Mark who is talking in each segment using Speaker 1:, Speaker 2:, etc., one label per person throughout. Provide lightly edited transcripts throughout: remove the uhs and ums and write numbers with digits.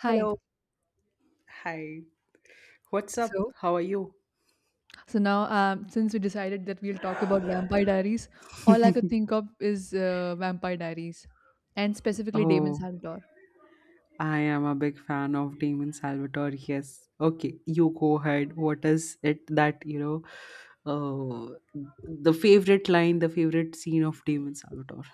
Speaker 1: Hi.
Speaker 2: Hello. Hi. What's up?
Speaker 1: So,
Speaker 2: How are you?
Speaker 1: so now since we decided that we'll talk about Vampire Diaries, all I could think of is Vampire Diaries, and specifically Damon
Speaker 2: Oh,
Speaker 1: Santor.
Speaker 2: I am a big fan of Damon Salvatore. Yes. Okay, you go ahead. What is it that, you know, the favorite line, the favorite scene of Damon Salvatore?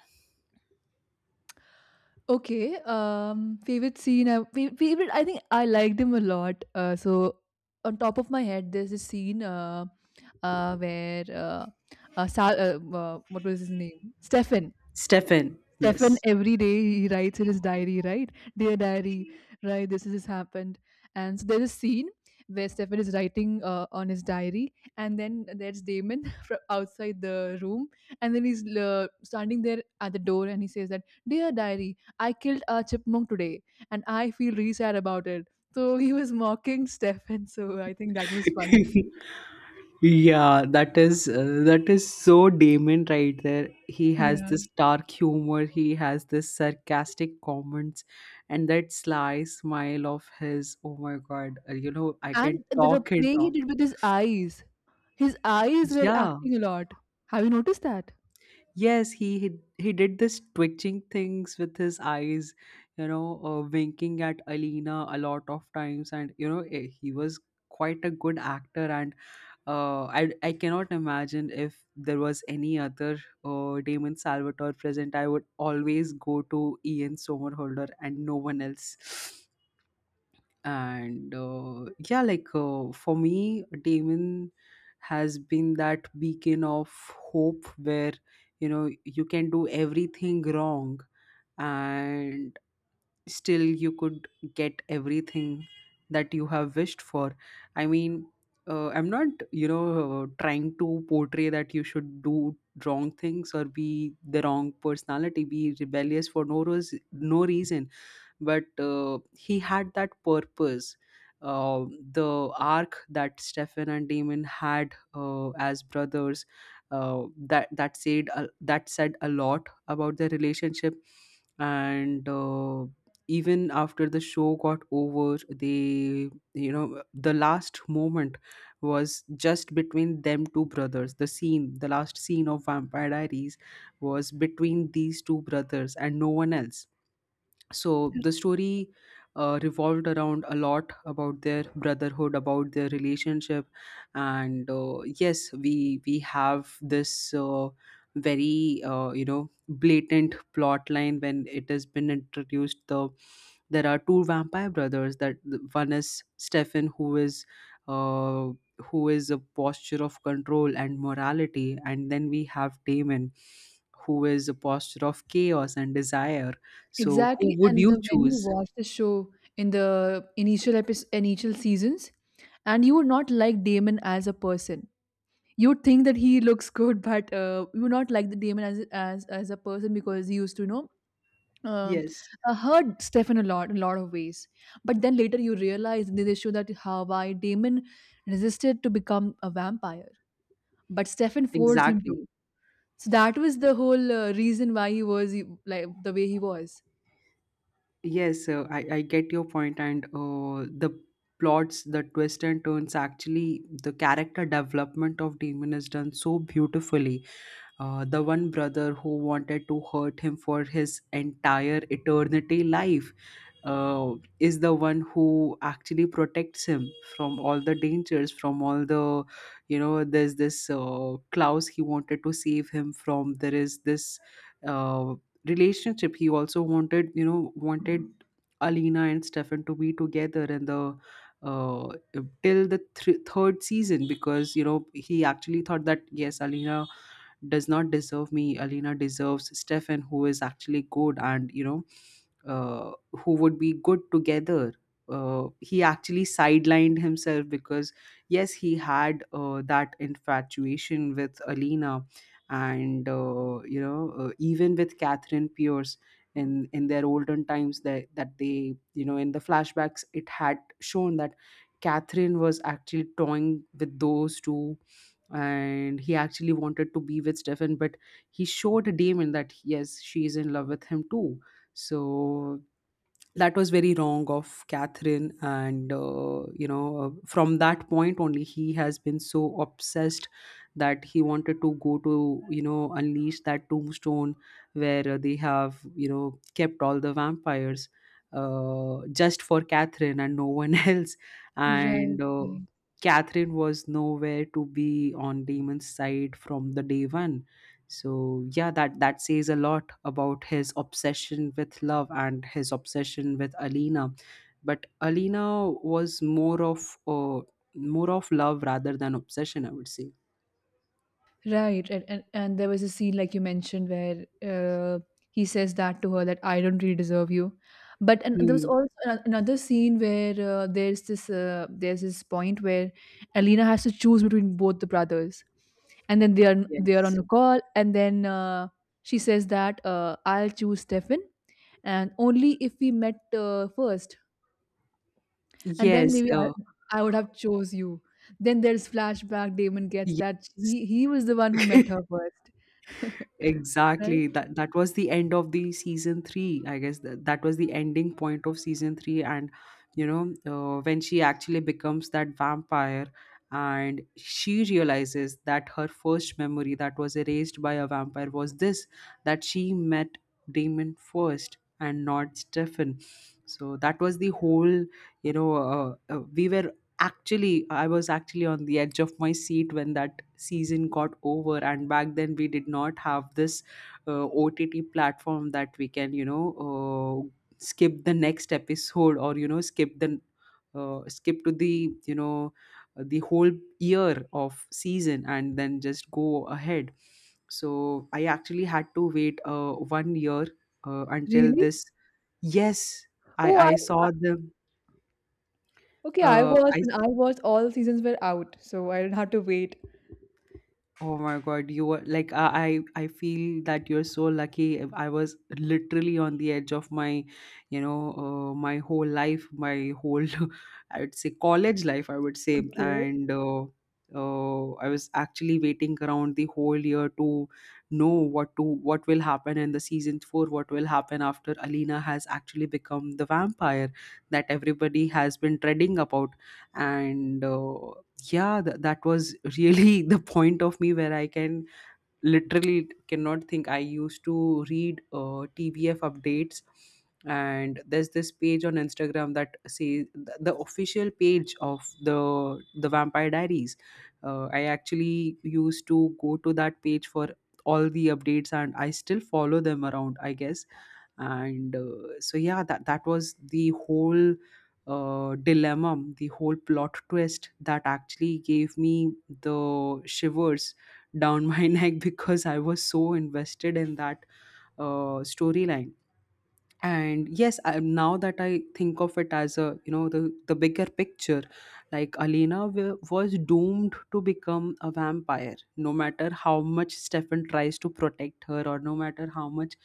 Speaker 1: Okay. Favorite scene. Favorite. I think I liked him a lot. So on top of my head, there's a scene where Sal, what was his name? Stefan.
Speaker 2: Stefan.
Speaker 1: Stefan,
Speaker 2: Yes.
Speaker 1: every day he writes in his diary, right? Dear diary, right? This has happened. And so there's a scene where Stefan is writing on his diary, and then there's Damon from outside the room, and then he's standing there at the door, and he says that, "Dear diary, I killed a chipmunk today, and I feel really sad about it." So he was mocking Stefan. So I think that was funny.
Speaker 2: Yeah, that is so Damon right there. He has this
Speaker 1: Yeah,
Speaker 2: dark humor, he has this sarcastic comments, and that sly smile of his. Oh my God, you know I can
Speaker 1: and the
Speaker 2: talk and
Speaker 1: play he
Speaker 2: talk.
Speaker 1: did with his eyes were
Speaker 2: Yeah,
Speaker 1: acting a lot. Have you noticed that?
Speaker 2: yes, he did this twitching things with his eyes, you know, winking at Alina a lot of times, and you know eh, he was quite a good actor and uh, I cannot imagine if there was any other Damon Salvatore present. I would always go to Ian Somerhalder and no one else. And yeah, like for me, Damon has been that beacon of hope where you know you can do everything wrong and still you could get everything that you have wished for. I mean, I'm not, you know, trying to portray that you should do wrong things or be the wrong personality, be rebellious for no reason, but he had that purpose. Uh, the arc that Stefan and Damon had as brothers, that said a lot about their relationship, and even after the show got over, they, you know, the last moment was just between them two brothers. The scene, the last scene of Vampire Diaries, was between these two brothers and no one else. So the story revolved around a lot about their brotherhood, about their relationship. And yes, we have this very you know, blatant plot line. When it has been introduced, there are two vampire brothers. That One is Stefan, uh, who is a posture of control and morality, and then we have Damon, who is a posture of chaos and desire. So who
Speaker 1: Exactly,
Speaker 2: would
Speaker 1: and
Speaker 2: you
Speaker 1: the when you
Speaker 2: choose?
Speaker 1: watch the show in the initial episode, initial seasons, and you would not like Damon as a person. You would think that he looks good, but you would not like the Damon as as a person because he used to you know uh,
Speaker 2: Yes,
Speaker 1: hurt Stefan a lot in a lot of ways. But then later you realize in this show that how why Damon resisted to become a vampire, but Stefan forced him to.
Speaker 2: exactly.
Speaker 1: So that was the whole reason why he was like the way he was.
Speaker 2: Yes, I get your point, and the plots, the twists and turns, actually, the character development of Damon is done so beautifully. The one brother who wanted to hurt him for his entire eternity life, uh, is the one who actually protects him from all the dangers, from all the, you know, there's this Klaus, he wanted to save him from. There is this uh, relationship. He also wanted, you know, wanted Alina and Stefan to be together, and the uh, till the thr third season, because, you know, he actually thought that yes, Alina does not deserve me, Alina deserves Stefan, who is actually good, and, you know, who would be good together. He actually sidelined himself because, yes, he had that infatuation with Alina, and you know, even with Catherine Pierce in their olden times, that that they, you know, in the flashbacks, it had shown that Catherine was actually toying with those two, and he actually wanted to be with Stefan, but he showed Damon that yes, she is in love with him too. So that was very wrong of Catherine, and you know, from that point only, he has been so obsessed that he wanted to go to, you know, unleash that tombstone where they have, you know, kept all the vampires, just for Catherine and no one else. And
Speaker 1: Right. Right.
Speaker 2: Catherine was nowhere to be on Damon's side from the day one. So yeah, that that says a lot about his obsession with love and his obsession with Alina, but Alina was more of more of love rather than obsession, I would say.
Speaker 1: Right, and there was a scene like you mentioned where he says that to her that I don't really deserve you, but and there was
Speaker 2: Hmm,
Speaker 1: also another scene where there's this point where Alina has to choose between both the brothers, and then they are on
Speaker 2: yes
Speaker 1: a call, and then she says that I'll choose Stefan, and only if we met first, and then
Speaker 2: yes
Speaker 1: maybe I I would have chose you. Then there's flashback. Damon gets that
Speaker 2: yes
Speaker 1: he was the one who met her first. Right?
Speaker 2: Exactly. That that was the end of the season three. I guess that, that was the ending point of season three. And you know, when she actually becomes that vampire, and she realizes that her first memory that was erased by a vampire was this, that she met Damon first and not Stefan. So that was the whole. You know, we were actually I was actually on the edge of my seat when that season got over. And back then we did not have this OTT platform that we can, you know, skip the next episode or, you know, skip to the, you know, the whole year of season and then just go ahead. So I actually had to wait 1 year until
Speaker 1: Really?
Speaker 2: this. Yes, i
Speaker 1: Oh, I
Speaker 2: i saw the
Speaker 1: Okay, I watched
Speaker 2: I
Speaker 1: when I watched all seasons were out, so I didn't have to wait.
Speaker 2: Oh my God, you were like, I feel that you're so lucky. If I was literally on the edge of my, you know, my whole life, my whole, I would say college life, I would say,
Speaker 1: Okay.
Speaker 2: and I was actually waiting around the whole year to know what to what will happen in the season four, what will happen after Alina has actually become the vampire that everybody has been dreading about, and. Yeah, that was really the point of me where I can literally cannot think. I used to read TBF updates, and there's this page on Instagram that says the official page of the the Vampire Diaries. I actually used to go to that page for all the updates, and I still follow them around, I guess. And so yeah, that that was the whole dilemma, the whole plot twist that actually gave me the shivers down my neck because I was so invested in that storyline. And yes, I, now that I think of it as a, you know, the bigger picture, like Alina was doomed to become a vampire no matter how much Stefan tries to protect her or no matter how much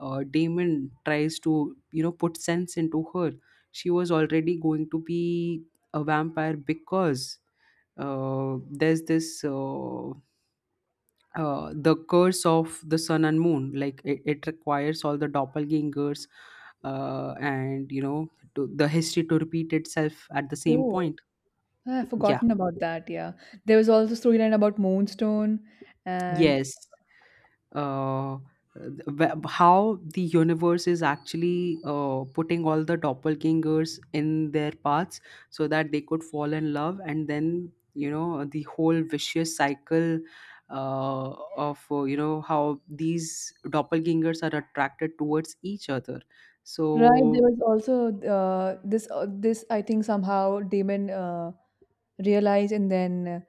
Speaker 2: Damon tries to, you know, put sense into her. She was already going to be a vampire because uh, there's this uh, the curse of the sun and moon. Like it requires all the doppelgangers and, you know, to, the history to repeat itself at the same
Speaker 1: Oh,
Speaker 2: point.
Speaker 1: I've
Speaker 2: Yeah,
Speaker 1: forgotten about that. Yeah, there was also storyline about Moonstone, and
Speaker 2: yes uh, wh- how the universe is actually putting all the doppelgangers in their paths so that they could fall in love, and then, you know, the whole vicious cycle uh, of you know, how these doppelgangers are attracted towards each other.
Speaker 1: right there
Speaker 2: So
Speaker 1: was also this this I think somehow Damon realized, and then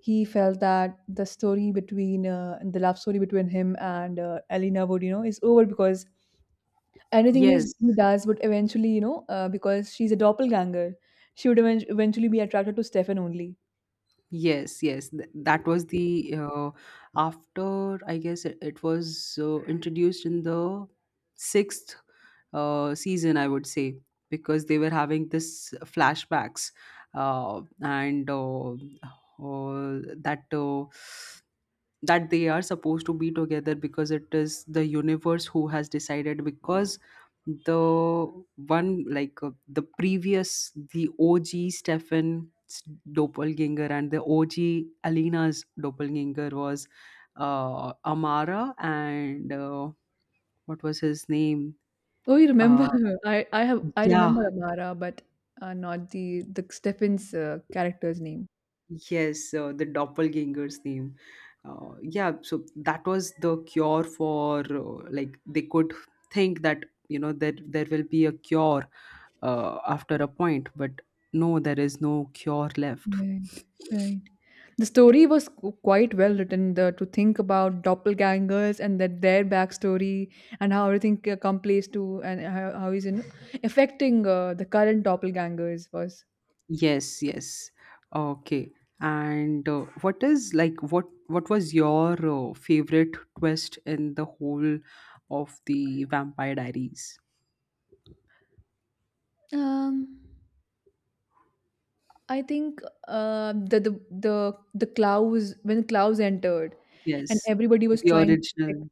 Speaker 1: he felt that the story between the love story between him and Elena would you know is over because anything is
Speaker 2: yes,
Speaker 1: he does would eventually, you know, because she's a doppelganger, she would even eventually be attracted to Stefan only.
Speaker 2: yes, yes that was the after, I guess it, it was introduced in the sixth season, I would say, because they were having this flashbacks and that that they are supposed to be together because it is the universe who has decided, because the one, like the previous, the OG Stefan's doppelganger and the OG Alina's doppelganger was Amara, and what was his name?
Speaker 1: Oh, you remember
Speaker 2: Uh,
Speaker 1: her. I
Speaker 2: yeah.
Speaker 1: remember Amara, but not the Stefan's character's name.
Speaker 2: Yes, the doppelganger's name. Yeah, so that was the cure for like they could think that, you know, that there will be a cure after a point, but no, there is no cure left.
Speaker 1: Right, right. The story was quite well written. The, to think about doppelgangers and that their backstory and how everything come plays to and how he's in affecting the current doppelgangers was.
Speaker 2: Yes, yes. Okay. And what is like, what was your favorite twist in the whole of the Vampire Diaries?
Speaker 1: Um. I think the Klaus when Klaus entered and
Speaker 2: Yes,
Speaker 1: everybody was
Speaker 2: the
Speaker 1: trying to protect
Speaker 2: original,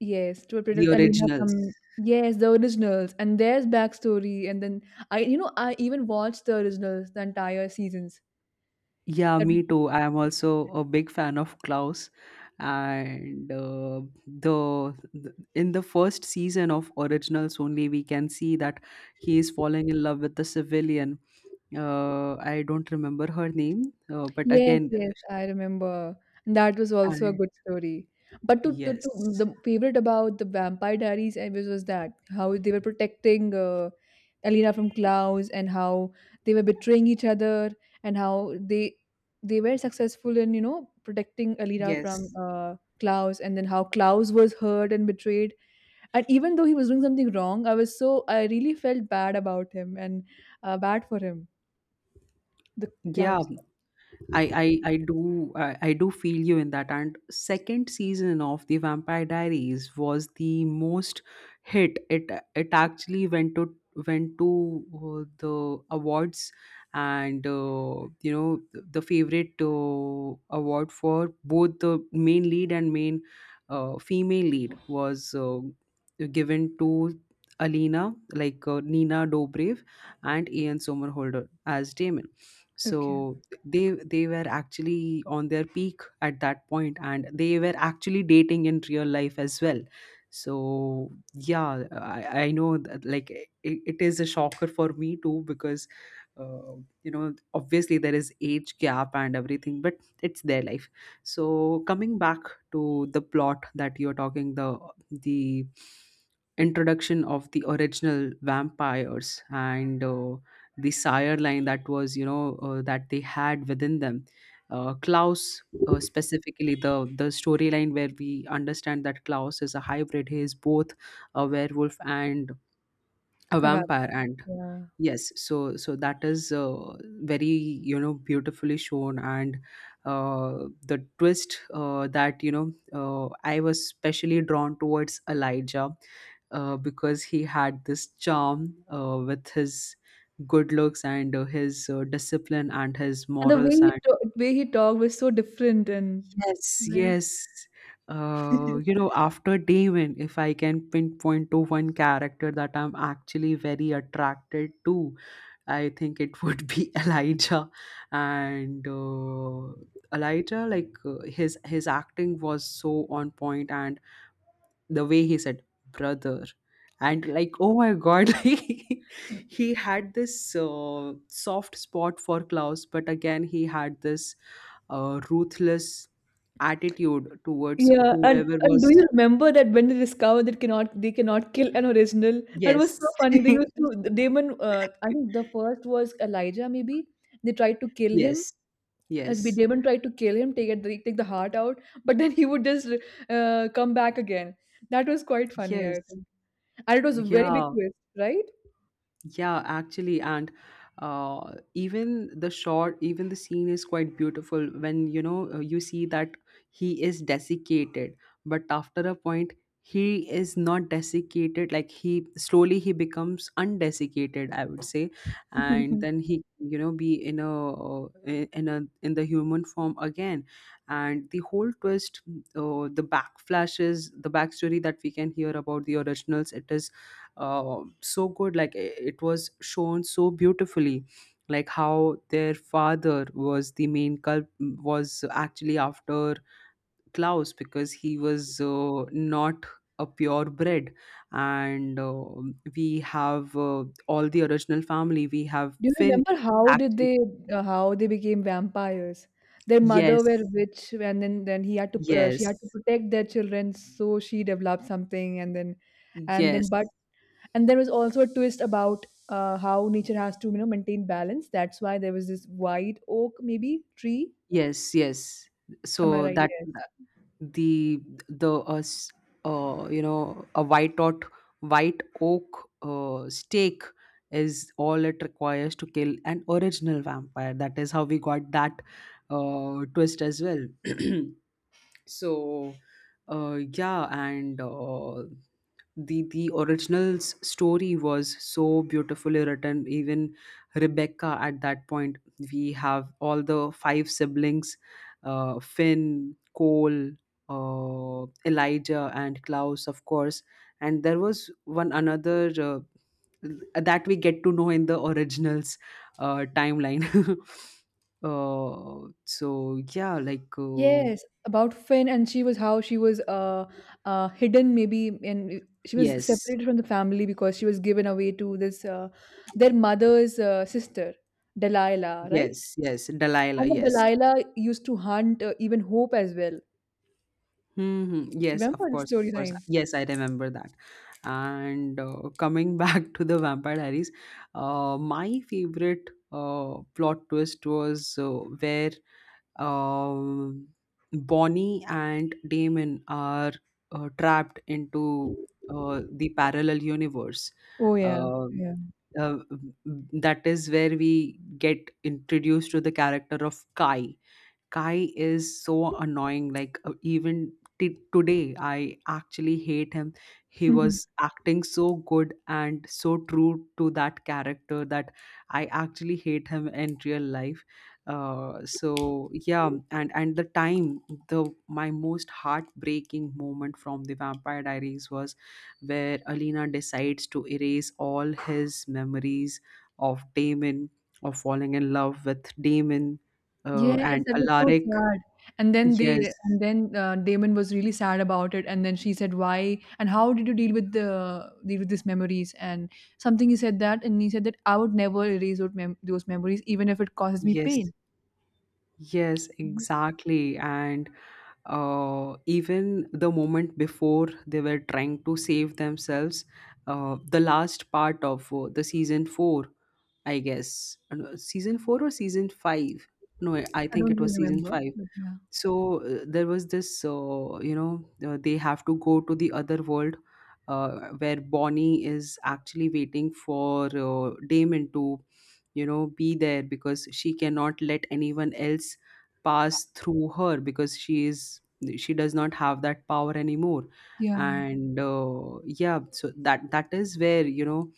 Speaker 1: yes to
Speaker 2: the
Speaker 1: protect Alina
Speaker 2: originals.
Speaker 1: from yes the originals and there's backstory and then I you know I even watched the originals the entire seasons
Speaker 2: Yeah,
Speaker 1: that
Speaker 2: me too. I am also a big fan of Klaus. And in the first season of Originals only, we can see that he is falling in love with the civilian. I don't remember her name, but
Speaker 1: Yes,
Speaker 2: again,
Speaker 1: yes, I remember. And that was also a
Speaker 2: and
Speaker 1: good story. But to
Speaker 2: yes,
Speaker 1: the favorite about the Vampire Diaries I was that how they were protecting Alina from Klaus and how they were betraying each other and how they were successful in you know protecting Alina from
Speaker 2: yes,
Speaker 1: Klaus and then how Klaus was hurt and betrayed and even though he was doing something wrong, I was so I really felt bad about him and bad for him, the
Speaker 2: yeah.
Speaker 1: Klaus.
Speaker 2: I do I do feel you in that. And second season of the Vampire Diaries was the most hit. It actually went to, went to the awards, and you know, the favorite award for both the main lead and main female lead was given to Alina, like Nina Dobrev and Ian Somerhalder as Damon.
Speaker 1: Okay,
Speaker 2: So they were actually on their peak at that point, and they were actually dating in real life as well. So yeah, I know that like it is a shocker for me too because uh, you know, obviously there is age gap and everything, but it's their life. So coming back to the plot that you're talking, the introduction of the original vampires and the sire line that was, you know, that they had within them. Klaus, specifically the storyline where we understand that Klaus is a hybrid, he is both a werewolf and a
Speaker 1: a vamp-
Speaker 2: vampire, and
Speaker 1: yeah.
Speaker 2: yes, so so that is very, you know, beautifully shown. And the twist that, you know, I was specially drawn towards Elijah because he had this charm with his good looks and his discipline and his
Speaker 1: And the way
Speaker 2: morals.
Speaker 1: he way he talked was so different and
Speaker 2: Yes,
Speaker 1: right.
Speaker 2: yes. After Damon, if I can pinpoint to one character that I'm actually very attracted to, I think it would be Elijah. And Elijah, like his acting was so on point, and the way he said brother and like oh my god like he had this soft spot for Klaus, but again he had this ruthless attitude towards
Speaker 1: Yeah,
Speaker 2: whoever
Speaker 1: and do
Speaker 2: was
Speaker 1: you remember that when they discovered that cannot they cannot kill an original? That was so
Speaker 2: yes.
Speaker 1: funny. They used to Damon. I think the first was Elijah. Maybe they tried to kill him.
Speaker 2: Yes,
Speaker 1: As B
Speaker 2: yes,
Speaker 1: Damon tried to kill him, take it, take the heart out, but then he would just come back again. That was quite funny,
Speaker 2: yes,
Speaker 1: I think, and it was a very
Speaker 2: yeah.
Speaker 1: big twist, right?
Speaker 2: Yeah, actually, and even the shot, even the scene is quite beautiful when you see that he is desiccated, but after a point, he is not desiccated. Like he slowly he becomes undesiccated, I would say, and then he, you know, be in a in the human form again, and the whole twist, the backflashes, the backstory that we can hear about the originals, it is so good, it was shown so beautifully, like how their father was the main culp, was actually after Klaus because he was not a purebred. And uh, we have uh, all the original family, we have
Speaker 1: Do you
Speaker 2: Finn,
Speaker 1: remember how did
Speaker 2: actually.
Speaker 1: they how they became vampires? Their mother were
Speaker 2: Yes,
Speaker 1: witch, and then he had to she had
Speaker 2: yes,
Speaker 1: to protect their children, so she developed something, and then
Speaker 2: yes,
Speaker 1: but and there was also a twist about how nature has to you know maintain balance. That's why there was this white oak maybe tree.
Speaker 2: yes, yes.
Speaker 1: Am I
Speaker 2: So
Speaker 1: right?
Speaker 2: that
Speaker 1: Yes.
Speaker 2: the the a white oak, white oak stake is all it requires to kill an original vampire. That is how we got that twist as well. So, yeah, and the original story was so beautifully written. Even Rebecca at that point, we have all the five siblings, Finn, Cole, Elijah, and Klaus, of course. And there was one another that we get to know in the Originals timeline. So yeah,
Speaker 1: Yes, about Finn, and she was how she was hidden maybe, and she was
Speaker 2: yes.
Speaker 1: separated from the family because she was given away to this their mother's sister, Delilah, right?
Speaker 2: Yes, yes, Delilah,
Speaker 1: And then
Speaker 2: yes.
Speaker 1: Delilah used to hunt even Hope as well.
Speaker 2: Hmm, yes, of
Speaker 1: Remember the
Speaker 2: course, of course.
Speaker 1: storyline?
Speaker 2: Yes, I remember that. And coming back to the Vampire Diaries, my favorite plot twist was where um, Bonnie and Damon are trapped into the parallel universe.
Speaker 1: Oh yeah,
Speaker 2: Um
Speaker 1: yeah.
Speaker 2: uh, that is where we get introduced to the character of Kai. Kai is so annoying. Like even today, I actually hate him. He was acting so good and so true to that character that I actually hate him in real life. So yeah, and the time the my most heartbreaking moment from the Vampire Diaries was where Alina decides to erase all his memories of Damon, of falling in love with Damon,
Speaker 1: Yes,
Speaker 2: and
Speaker 1: that was so
Speaker 2: Alaric.
Speaker 1: sad. And then
Speaker 2: Yes,
Speaker 1: they and then Damon was really sad about it. And then she said, "Why? And how did you deal with the deal with these memories?" And something he said that, and he said that I would never erase those, those memories, even if it causes me
Speaker 2: yes,
Speaker 1: pain.
Speaker 2: yes,
Speaker 1: Mhm.
Speaker 2: exactly. And even the moment before they were trying to save themselves, the last part of the season four, I guess. No, season four or season five. No, I
Speaker 1: I
Speaker 2: think
Speaker 1: don't
Speaker 2: it
Speaker 1: really
Speaker 2: was season
Speaker 1: remember,
Speaker 2: five.
Speaker 1: but yeah,
Speaker 2: So there was this they have to go to the other world where Bonnie is actually waiting for Damon to, you know, be there because she cannot let anyone else pass through her because she does not have that power anymore.
Speaker 1: yeah,
Speaker 2: And yeah, so that that is where, you know,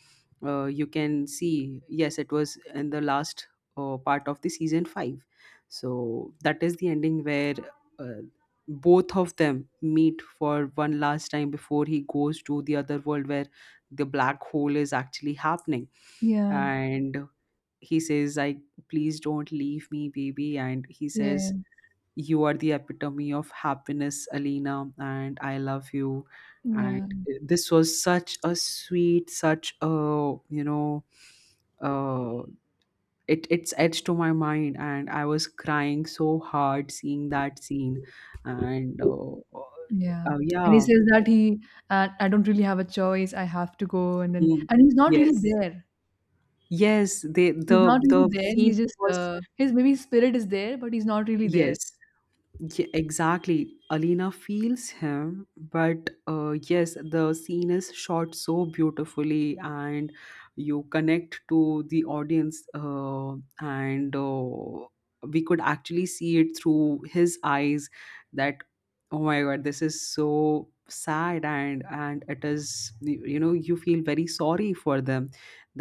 Speaker 2: you can see yes it was in the last part of the season 5. So that is the ending where uh, both of them meet for one last time before he goes to the other world where the black hole is actually happening.
Speaker 1: yeah,
Speaker 2: And he says, "I please don't leave me, baby." And he
Speaker 1: yeah,
Speaker 2: says, "You are the epitome of happiness, Alina, and I love you."
Speaker 1: yeah,
Speaker 2: And this was such a sweet, such a, you know, uh, it it's etched to my mind, and I was crying so hard seeing that scene. and uh, uh,
Speaker 1: yeah.
Speaker 2: uh,
Speaker 1: And he
Speaker 2: yeah
Speaker 1: says that I don't really have a choice. I have to go. And then,
Speaker 2: mm,
Speaker 1: and he's not really
Speaker 2: yes,
Speaker 1: there.
Speaker 2: yes, they.
Speaker 1: He's not really
Speaker 2: The
Speaker 1: there.
Speaker 2: scene
Speaker 1: He's just
Speaker 2: was
Speaker 1: his maybe his spirit is there, but he's not really there.
Speaker 2: Yes. Yeah, exactly. Alina feels him, but yes, the scene is shot so beautifully, and you connect to the audience, and we could actually see it through his eyes. That, oh my god, this is so sad, and it is, you know, you feel very sorry for them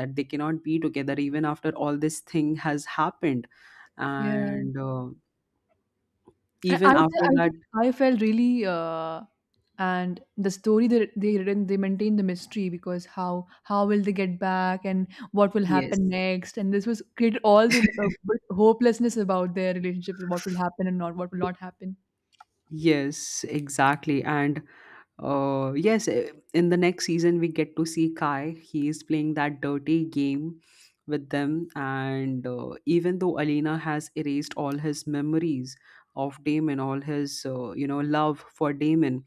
Speaker 2: that they cannot be together even after all this thing has happened,
Speaker 1: Yeah,
Speaker 2: and
Speaker 1: I
Speaker 2: even
Speaker 1: I th-
Speaker 2: after
Speaker 1: I
Speaker 2: that.
Speaker 1: think I felt really and the story that they written they maintain the mystery because how will they get back and what will
Speaker 2: Yes.
Speaker 1: happen next and this was created all the bit hopelessness about their relationship what will happen and not what will not happen
Speaker 2: Yes, exactly. And yes, eh, in the next season, we get to see Kai. He is playing that dirty game with them. And even though Alina has erased all his memories of Damon, all his, you know, love for Damon,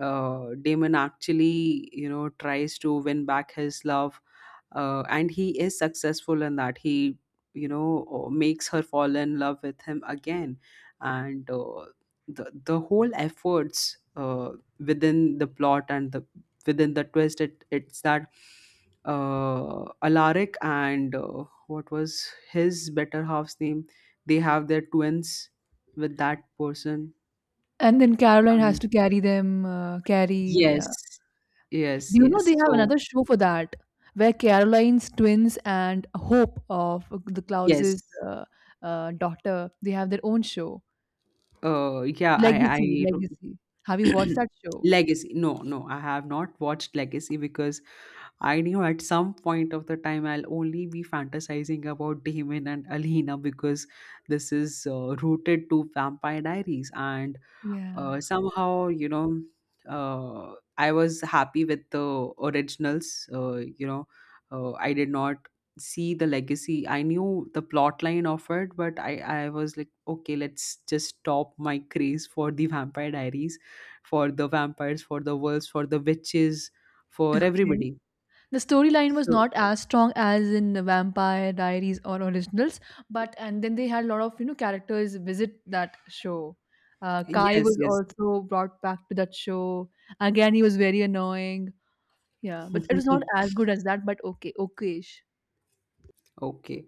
Speaker 2: Damon actually, you know, tries to win back his love, and he is successful in that. He, you know, makes her fall in love with him again. And the whole efforts within the plot and the, within the twist, it's that Alaric and what was his better half's name, they have their twins with that person.
Speaker 1: and then Caroline has
Speaker 2: um,
Speaker 1: to carry them carry
Speaker 2: yes, yes,
Speaker 1: do you know
Speaker 2: yes.
Speaker 1: they have
Speaker 2: So
Speaker 1: another show for that where Caroline's twins and Hope of the
Speaker 2: yes.
Speaker 1: Klaus's daughter they have their own show
Speaker 2: Yeah
Speaker 1: Legacy,
Speaker 2: I
Speaker 1: Legacy. Have you watched that show?
Speaker 2: Legacy. No, no, I have not watched Legacy because I knew at some point of the time I'll only be fantasizing about Damon and Alina because this is rooted to Vampire Diaries, and
Speaker 1: Yeah.
Speaker 2: somehow, you know, I was happy with the Originals, I did not see the Legacy. I knew the plot line of it, but I was like, okay, let's just stop my craze for the Vampire Diaries, for the vampires, for the wolves, for the witches, for
Speaker 1: Okay.
Speaker 2: everybody.
Speaker 1: The storyline was
Speaker 2: So
Speaker 1: not as strong as in Vampire Diaries or Originals, but and then they had a lot of you know characters visit that show. Kai
Speaker 2: yes,
Speaker 1: was
Speaker 2: yes.
Speaker 1: also brought back to that show. Again, he was very annoying. Yeah, but it was not as good as that. But okay, okayish.
Speaker 2: Okay.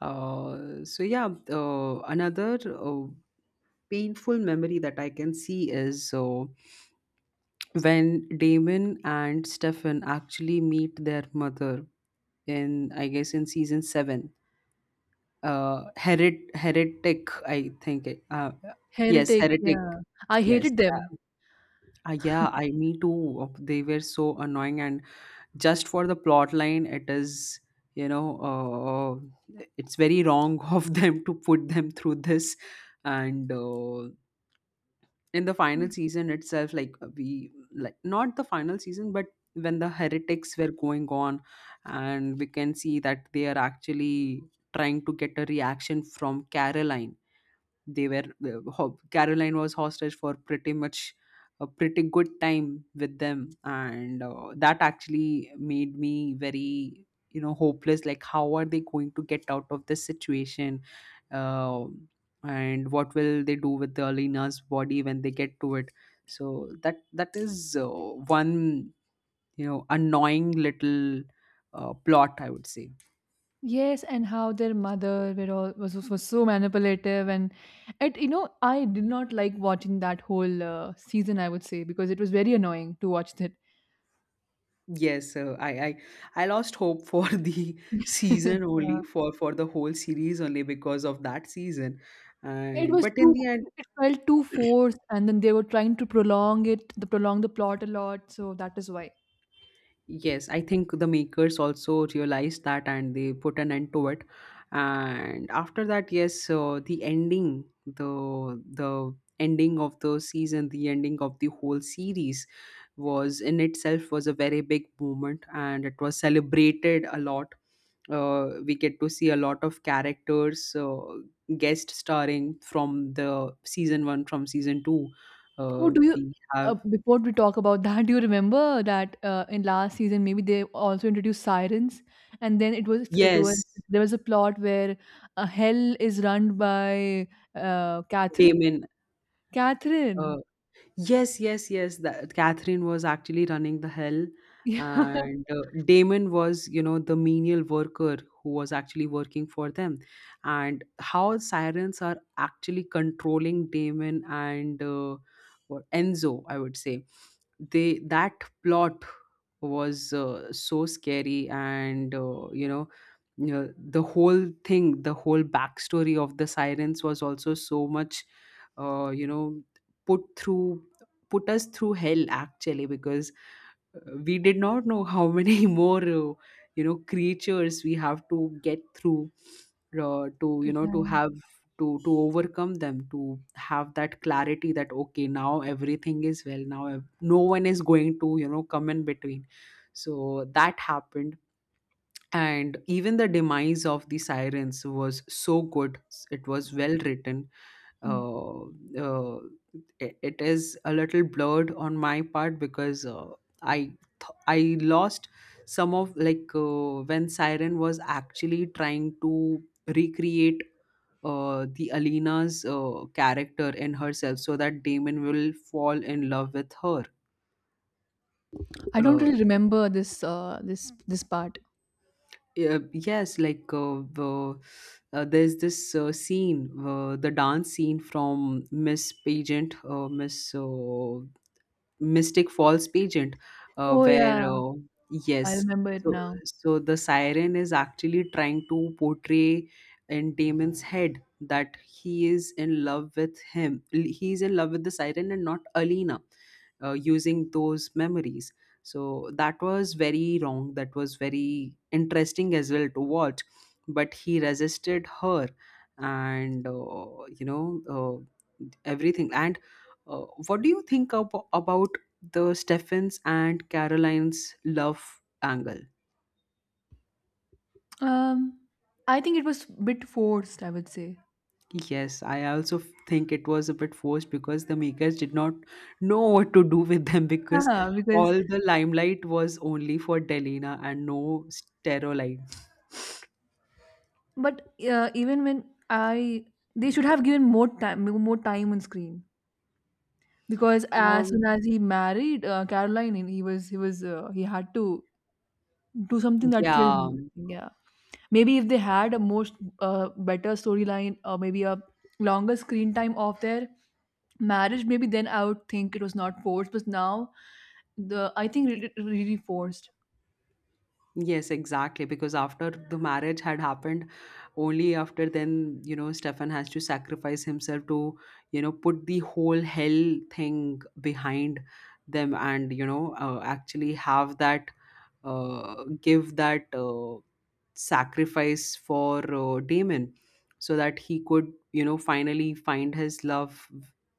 Speaker 2: So yeah, another painful memory that I can see is, so when Damon and Stefan actually meet their mother in, I guess, in season 7, herit Heretic, I think it, uh, yes,
Speaker 1: Heretics,
Speaker 2: Heretic.
Speaker 1: yeah. I
Speaker 2: Yes.
Speaker 1: hated them.
Speaker 2: um, yeah, I, me too. They were so annoying, and just for the plot line, it is, you know, it's very wrong of them to put them through this. And in the final season itself, like we like, not the final season, but when the heretics were going on, and we can see that they are actually trying to get a reaction from Caroline. They were the Caroline was hostage for pretty much a pretty good time with them, and that actually made me very, you know, hopeless. Like, how are they going to get out of this situation? Uh, and what will they do with the Alina's body when they get to it? So that that is one, you know, annoying little plot, I would say.
Speaker 1: Yes, and how their mother were all, was so manipulative, and it you know I did not like watching that whole season. I would say because it was very annoying to watch that.
Speaker 2: Yes, uh, I I lost hope for the season
Speaker 1: Yeah.
Speaker 2: only for the whole series only because of that season,
Speaker 1: It
Speaker 2: and
Speaker 1: was
Speaker 2: but in the
Speaker 1: too
Speaker 2: end.
Speaker 1: it felt too forced, and then they were trying to prolong it, the prolong the plot a lot. So that is why.
Speaker 2: Yes, I think the makers also realized that and they put an end to it. And after that, yes, the ending, the ending of the season, the ending of the whole series was in itself was a very big moment, and it was celebrated a lot. We get to see a lot of characters guest starring from the season one, from season two.
Speaker 1: Oh, do you
Speaker 2: We have,
Speaker 1: before we talk about that, do you remember that in last season maybe they also introduced sirens, and then it was
Speaker 2: yes,
Speaker 1: there was a plot where hell is run by Catherine.
Speaker 2: Damon. Uh,
Speaker 1: Catherine,
Speaker 2: Yes, yes, yes. That Catherine was actually running the hell,
Speaker 1: yeah,
Speaker 2: and Damon was, you know, the menial worker who was actually working for them. And how sirens are actually controlling Damon and what, Enzo, I would say. They, that plot was so scary, and the whole thing, the whole backstory of the sirens was also so much, you know, put through put us through hell actually, because we did not know how many more, you know, creatures we have to get through, to, you know, to
Speaker 1: right.
Speaker 2: have, to overcome them, to have that clarity that, okay, now everything is well, no one is going to, you know, come in between. So that happened. And even the demise of the sirens was so good. It was well written.
Speaker 1: Hmm.
Speaker 2: uh, uh, it it is a little blurred on my part because I, I lost some of, like, when siren was actually trying to recreate the Alina's character in herself so that Damon will fall in love with her.
Speaker 1: I don't
Speaker 2: Uh,
Speaker 1: really remember this this part.
Speaker 2: Yeah, yes, like, there's this scene, the dance scene from Miss Pageant, Miss Mystic Falls pageant,
Speaker 1: Oh
Speaker 2: where
Speaker 1: yeah, I
Speaker 2: yes,
Speaker 1: remember it
Speaker 2: so,
Speaker 1: now.
Speaker 2: so the siren is actually trying to portray in Damon's head that he is in love with him. He is in love with the siren and not Alina, using those memories. So that was very wrong. That was very interesting as well to watch. But he resisted her, and everything. And uh, what do you think about the Stephens and Caroline's love angle?
Speaker 1: Um, I think it was bit forced, I would say.
Speaker 2: Yes, I also think it was a bit forced because the makers did not know what to do with them, because
Speaker 1: Yeah,
Speaker 2: all
Speaker 1: because
Speaker 2: the limelight was only for Delina and no Sterolite.
Speaker 1: but even when I, they should have given more time on screen because as
Speaker 2: Um,
Speaker 1: soon as he married Caroline, and he had to do something that killed
Speaker 2: yeah.
Speaker 1: him. Yeah, maybe if they had a most better storyline or maybe a longer screen time of their marriage, maybe then I would think it was not forced. But now, the I think it it really forced.
Speaker 2: Yes, exactly. Because after the marriage had happened, only after then, you know, Stefan has to sacrifice himself to, you know, put the whole hell thing behind them, and, you know, actually have that, give that sacrifice for Damon so that he could, you know, finally find his love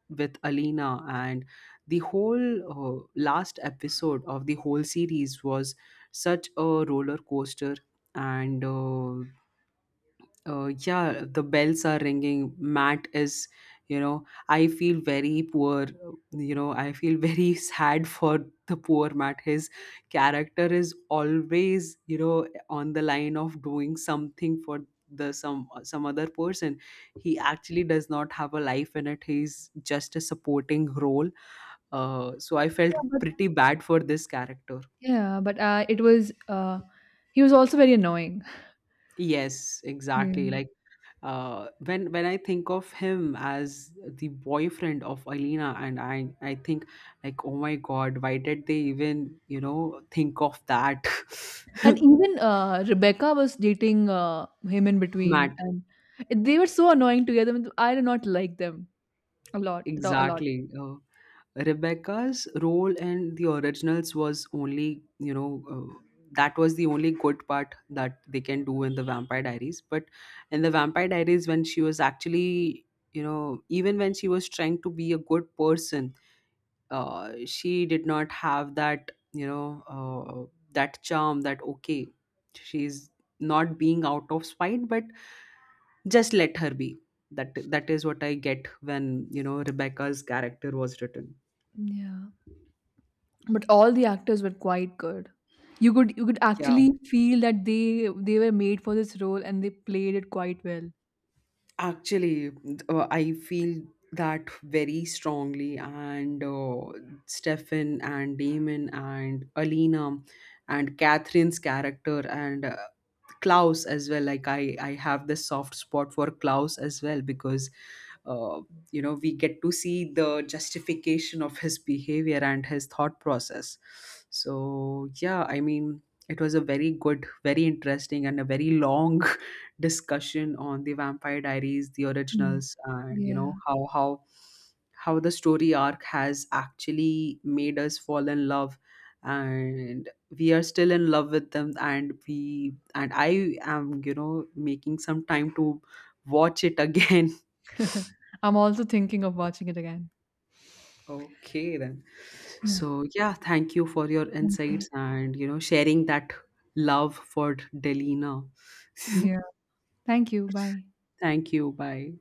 Speaker 2: with Alina. And the whole last episode of the whole series was such a roller coaster. And yeah, the bells are ringing. Matt is, you know, I feel very poor. You know, I feel very sad for the poor Matt. His character is always, you know, on the line of doing something for the, some other person. He actually does not have a life in it. He's just a supporting role. So I felt
Speaker 1: Yeah, but
Speaker 2: pretty bad for this character.
Speaker 1: yeah, but it was. He was also very annoying.
Speaker 2: Yes,
Speaker 1: Yeah.
Speaker 2: exactly. Like when I think of him as the boyfriend of Alina, and I think, like, oh my God, why did they even, you know, think of that?
Speaker 1: And even Rebecca was dating him in between,
Speaker 2: Matt,
Speaker 1: and they were so annoying together. I did not like them a lot, a lot.
Speaker 2: exactly. Rebecca's role in the Originals was only, you know. That was the only good part that they can do in the Vampire Diaries, but in the Vampire Diaries when she was actually, you know, even when she was trying to be a good person, she did not have that, you know, that charm, that, okay, she's not being out of spite, but just let her be. That, that is what I get when, you know, Rebecca's character was written.
Speaker 1: Yeah, but all the actors were quite good. You could
Speaker 2: Yeah.
Speaker 1: actually feel that they were made for this role and they played it quite well.
Speaker 2: Actually, I feel that very strongly. And Stefan and Damon and Alina and Catherine's character, and Klaus as well. Like I have this soft spot for Klaus as well because uh, you know, we get to see the justification of his behavior and his thought process. So yeah, I mean, it was a very good, very interesting, and a very long discussion on the Vampire Diaries, the
Speaker 1: Mm.
Speaker 2: Originals, and, you know,
Speaker 1: Yeah,
Speaker 2: how how the story arc has actually made us fall in love, and we are still in love with them, and we and I am, you know, making some time to watch it again.
Speaker 1: I'm also thinking of watching it again.
Speaker 2: Okay, then.
Speaker 1: Yeah,
Speaker 2: So yeah, thank you for your
Speaker 1: thank you.
Speaker 2: insights, and, you know, sharing that love for Delina.
Speaker 1: Yeah, thank you. Bye.
Speaker 2: Thank you, bye.